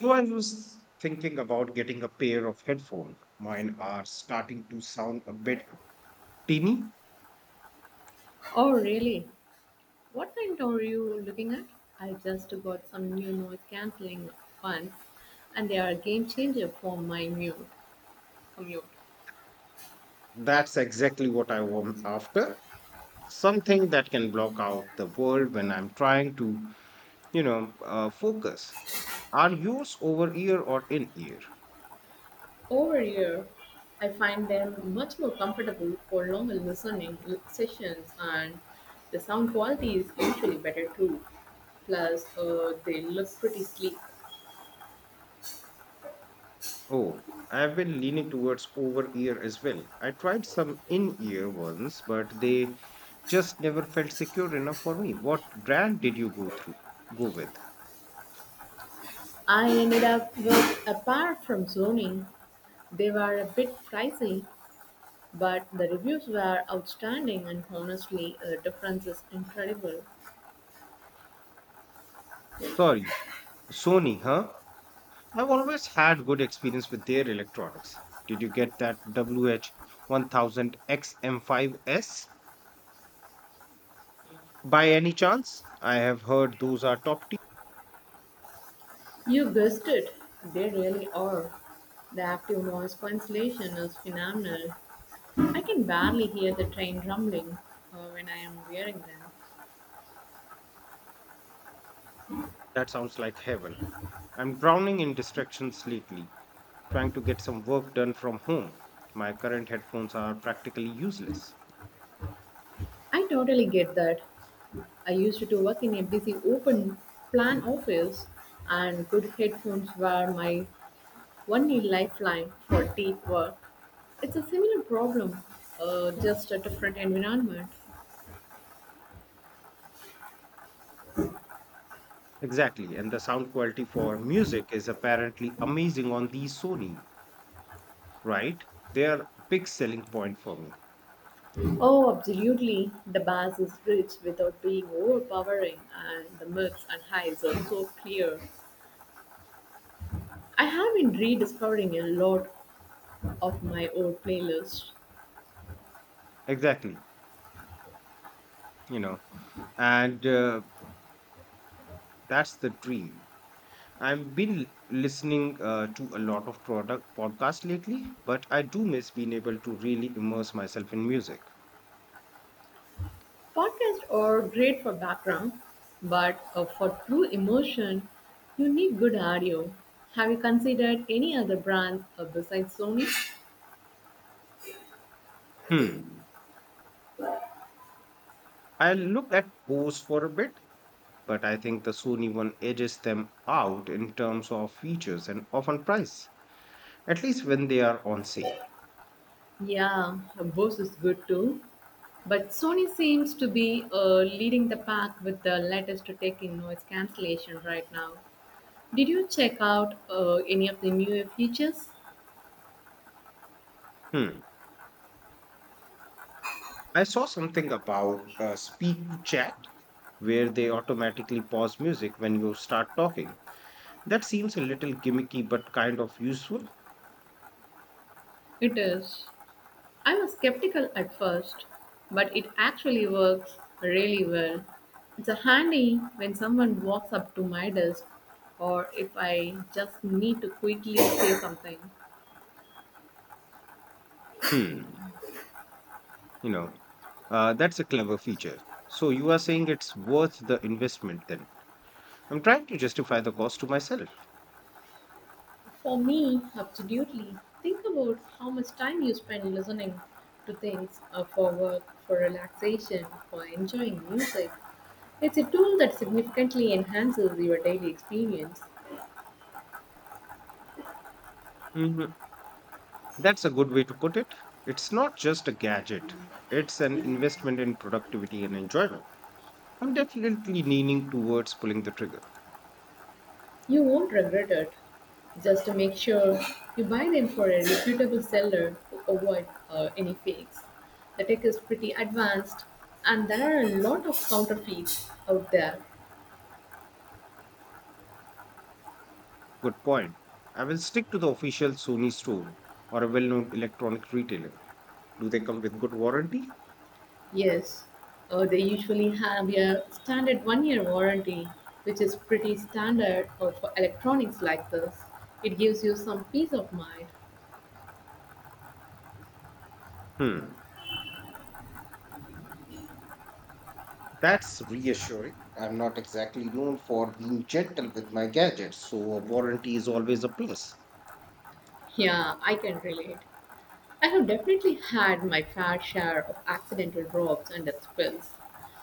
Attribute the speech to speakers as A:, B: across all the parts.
A: So I was thinking about getting a pair of headphones. Mine are starting to sound a bit tinny.
B: Oh, really? What kind are you looking at? I just got some new noise cancelling ones, and they are a game changer for my new commute.
A: That's exactly what I want after. Something that can block out the world when I'm trying to, focus. Are yours over ear or in ear?
B: Over here, I find them much more comfortable for longer listening sessions, and the sound quality is usually better too. Plus, they look pretty sleek.
A: Oh, I've been leaning towards over ear as well. I tried some in ear ones, but they just never felt secure enough for me. What brand did you go through? Go with?
B: I ended up with, apart from zoning, they were a bit pricey, but the reviews were outstanding, and honestly, the difference is incredible.
A: Sorry Sony, huh? I've always had good experience with their electronics. Did you get that wh 1000 xm five S by any chance? I have heard those are top tier.
B: You guessed it, they really are. The active noise cancellation is phenomenal. I can barely hear the train rumbling when I am wearing them.
A: That sounds like heaven. I'm drowning in distractions lately, trying to get some work done from home. My current headphones are practically useless.
B: I totally get that. I used to work in a busy open plan office, and good headphones were my only lifeline for deep work. It's a similar problem, just a different environment.
A: Exactly, and the sound quality for music is apparently amazing on the Sony, right? They are a big selling point for me.
B: Oh, absolutely. The bass is rich without being overpowering, and the mids and highs are so clear. I have been rediscovering a lot of my old playlists.
A: Exactly. You know, and That's the dream. I've been listening, to a lot of product podcasts lately, but I do miss being able to really immerse myself in music.
B: Podcasts are great for background, but for true emotion, you need good audio. Have you considered any other brands besides Sony?
A: hmm I looked at bose for a bit, but I think the sony one edges them out in terms of features and often price, at least when they are on sale.
B: Yeah, Bose is good too. But Sony seems to be leading the pack with the latest tech in noise cancellation right now. Did you check out any of the newer features?
A: hmm I saw something about, speak to chat, where they automatically pause music when you start talking. That seems a little gimmicky but kind of useful.
B: It is. I was skeptical at first, but it actually works really well. It's a handy when someone walks up to my desk or if I just need to quickly say something.
A: Hmm, you know, that's a clever feature. So you are saying it's worth the investment then. I'm trying to justify the cost to myself.
B: For me, absolutely. Think about how much time you spend listening to things for work, for relaxation, for enjoying music. It's a tool that significantly enhances your daily experience.
A: hmm That's a good way to put it. It's not just a gadget, it's an investment in productivity and enjoyment. I'm definitely leaning towards pulling the trigger.
B: You won't regret it. Just to make sure you buy them for a reputable seller to avoid any fakes. The tech is pretty advanced, and there are a lot of counterfeits out there.
A: Good point. I will stick to the official Sony store or a well known electronic retailer. Do they come with good warranty?
B: Yes, they usually have a standard 1-year warranty, which is pretty standard for electronics like this. It gives you some peace of mind.
A: Hmm. That's reassuring. I'm not exactly known for being gentle with my gadgets, so a warranty is always a plus.
B: Yeah, I can relate. I have definitely had my fair share of accidental drops and spills.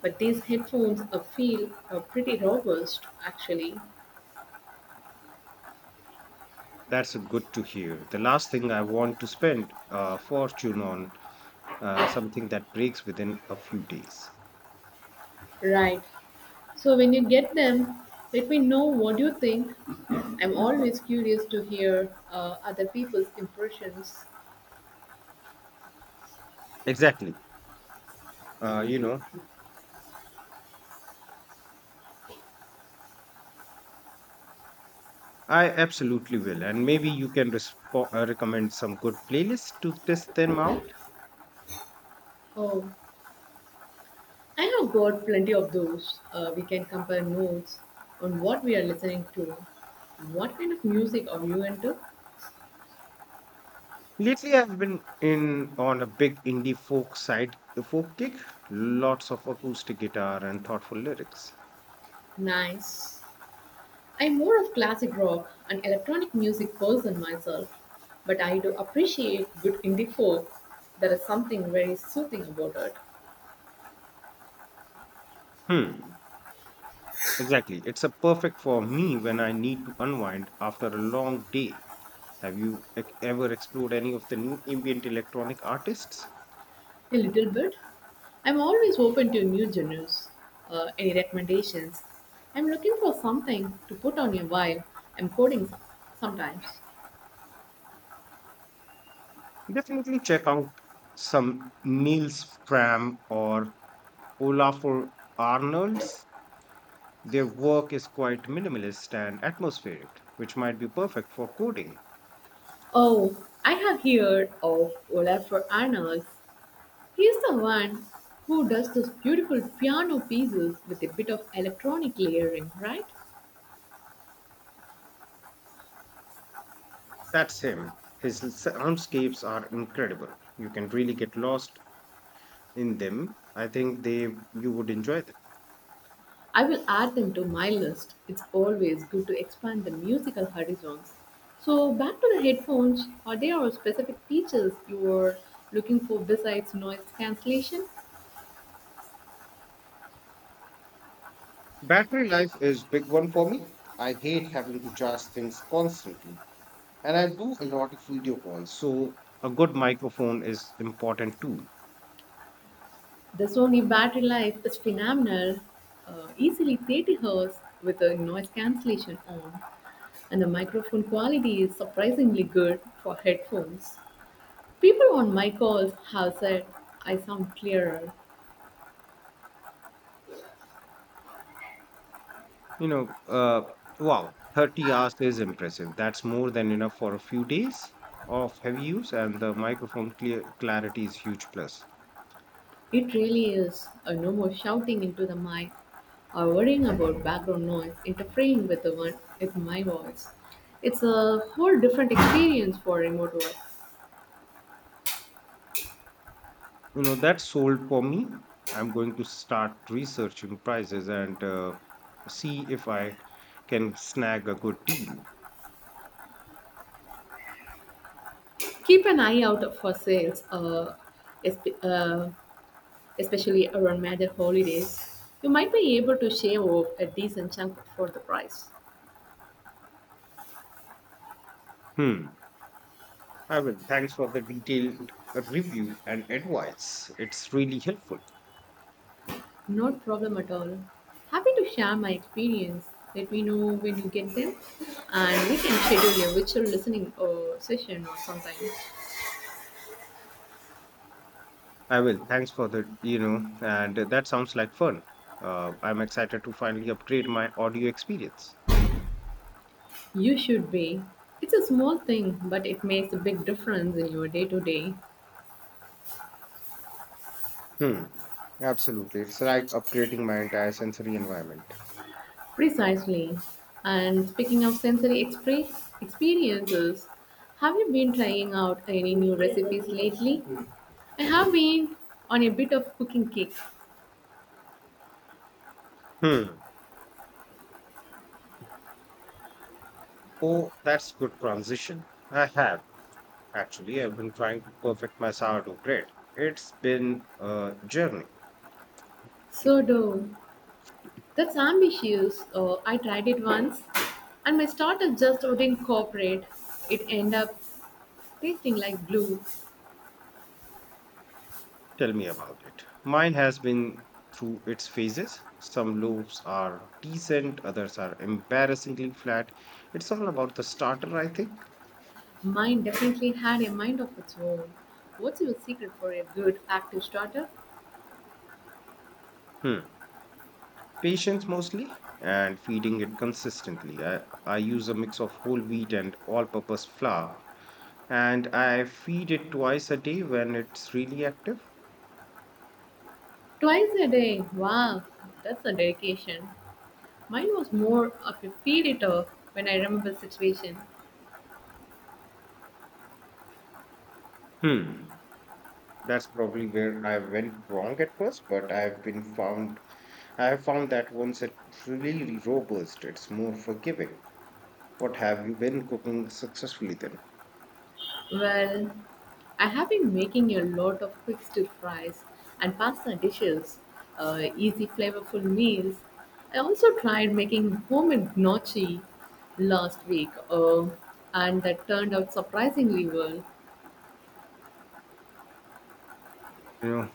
B: But these headphones feel pretty robust, actually.
A: That's good to hear. The last thing I want to spend a fortune on, something that breaks within a few days.
B: Right. So when you get them, let me know what you think. I'm always curious to hear other people's impressions.
A: Exactly. Uh, you know, I absolutely will. And maybe you can recommend some good playlists to test them out.
B: Oh, I have got plenty of those. We can compare notes on what we are listening to. What kind of music are you into?
A: Lately, I've been in on a big indie folk side, folk kick, lots of acoustic guitar and thoughtful lyrics.
B: Nice. I'm more of classic rock and electronic music person myself, but I do appreciate good indie folk. There is something very soothing about it.
A: Hmm. Exactly. It's a perfect for me when I need to unwind after a long day. Have you ever explored any of the new ambient electronic artists?
B: A little bit. I'm always open to new genres. Any recommendations? I'm looking for something to put on a while I'm sometimes.
A: Definitely check out some Niels Fram or Olafur Arnolds. Their work is quite minimalist and atmospheric, which might be perfect for coding.
B: Oh, I have heard of Olafur Arnalds. He's the one who does those beautiful piano pieces with a bit of electronic layering, right?
A: That's him. His soundscapes are incredible. You can really get lost in them. I think they you would enjoy them.
B: I will add them to my list. It's always good to expand the musical horizons. So, back to the headphones, are there specific features you are looking for besides noise cancellation?
A: Battery life is big one for me. I hate having to charge things constantly. And I do a lot of video calls, so a good microphone is important too.
B: The Sony battery life is phenomenal, easily 30 Hz with the noise cancellation on, and the microphone quality is surprisingly good for headphones. People on my calls have said I sound clearer.
A: You know, uh, wow, 30 hours is impressive. That's more than enough for a few days of heavy use, and the microphone clear clarity is huge plus.
B: It really is. No more shouting into the mic or worrying about background noise interfering with the one with my voice. It's a whole different experience for remote work.
A: That sold for me. I'm going to start researching prices and, see if I can snag a good deal.
B: Keep an eye out for sales, esp- uh, especially around major holidays. You might be able to shave off a decent chunk for the price.
A: hmm I will. Thanks for the detailed, review and advice. It's really helpful.
B: No problem at all. Happy to share my experience. Let me know when you get them, and we can schedule a virtual listening session or something.
A: I will. Thanks for the, and, that sounds like fun. I'm excited to finally upgrade my audio experience.
B: You should be. It's a small thing, but it makes a big difference in your day to day.
A: hmm Absolutely, it's like upgrading my entire sensory environment.
B: Precisely. And speaking of experiences, have you been trying out any new recipes lately? I have been on a bit of cooking kick.
A: hmm oh, that's good transition. I have. Actually, I've been trying to perfect my sourdough bread. It's been a journey.
B: So do. That's ambitious. I tried it once, and my starter just wouldn't cooperate. It ended up tasting like glue.
A: Tell me about it. Mine has been through its phases. Some loaves are decent, others are embarrassingly flat. It's all about the starter, I think.
B: Mine definitely had a mind of its own. What's your secret for a good active starter?
A: Hmm. Patience mostly and feeding it consistently. I use a mix of whole wheat and all purpose flour, and I feed it twice a day when it's really active.
B: Twice a day. Wow, that's a dedication. Mine was more of a feed it off when I remember situation.
A: Hmm. That's probably where I went wrong at first, but I have found that once it's really robust, it's more forgiving. What have you been cooking successfully then?
B: Well, I have been making a lot of quick stir fries and pasta dishes, easy flavorful meals. I also tried making homemade gnocchi last week, and that turned out surprisingly well.
A: You know,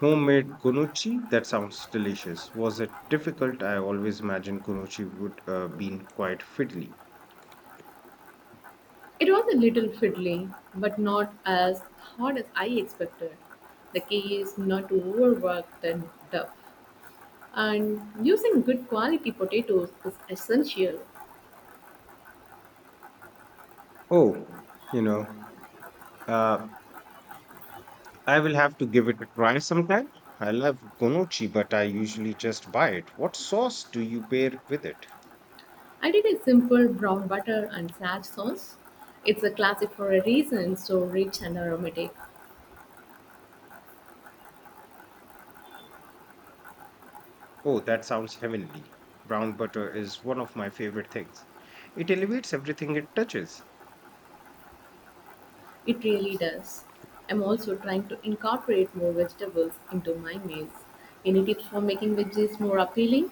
A: Homemade kunuchi, that sounds delicious. Was it difficult? I always imagined kunuchi would, been quite fiddly.
B: It was a little fiddly, but not as hard as I expected. The key is not to overwork the dough, and using good quality potatoes is essential.
A: Oh, you know, uh, I will have to give it a try sometime. I love kunuchi, but I usually just buy it. What sauce do you pair with it?
B: I did a simple brown butter and sad sauce. It's a classic for a reason, so rich and aromatic.
A: Oh, that sounds heavenly. Brown butter is one of my favorite things. It elevates everything it touches.
B: It really does. I'm also trying to incorporate more vegetables into my meals. Any tips for making veggies more appealing?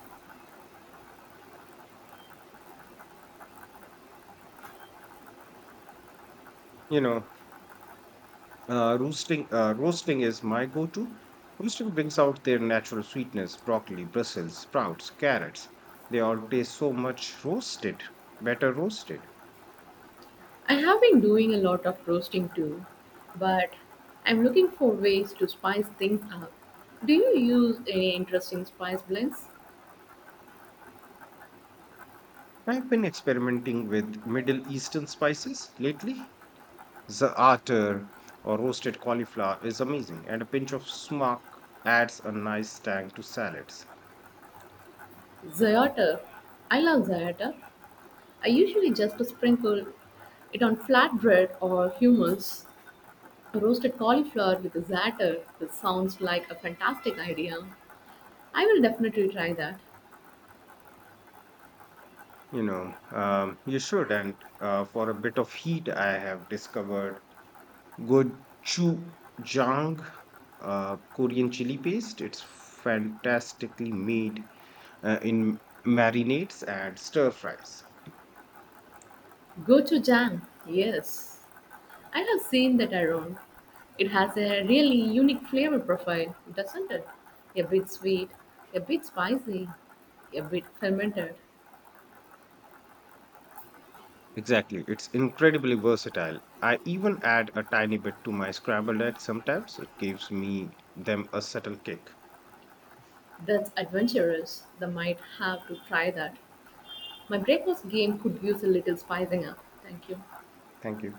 A: You know, roasting is my go-to. Roasting brings out their natural sweetness, broccoli, Brussels sprouts, carrots. They all taste better roasted.
B: I have been doing a lot of roasting too, but I'm looking for ways to spice things up. Do you use any interesting spice blends?
A: I've been experimenting with Middle Eastern spices lately. Za'atar or roasted cauliflower is amazing, and a pinch of smock adds a nice tang to salads.
B: Za'atar. I love za'atar. I usually just sprinkle it on flatbread or hummus. A roasted cauliflower with za'atar. This sounds like a fantastic idea. I will definitely try that.
A: You should. And, for a bit of heat, I have discovered gochujang, Korean chili paste. It's fantastically made, in marinades and stir fries.
B: Gochujang. Yes. I have seen that around. It has a really unique flavor profile, doesn't it? A bit sweet, a bit spicy, a bit fermented.
A: Exactly. It's incredibly versatile. I even add a tiny bit to my scrambled eggs sometimes. It gives me them a subtle kick.
B: That's adventurous. They might have to try that. My breakfast game could use a little spicing up. Thank you.
A: Thank you.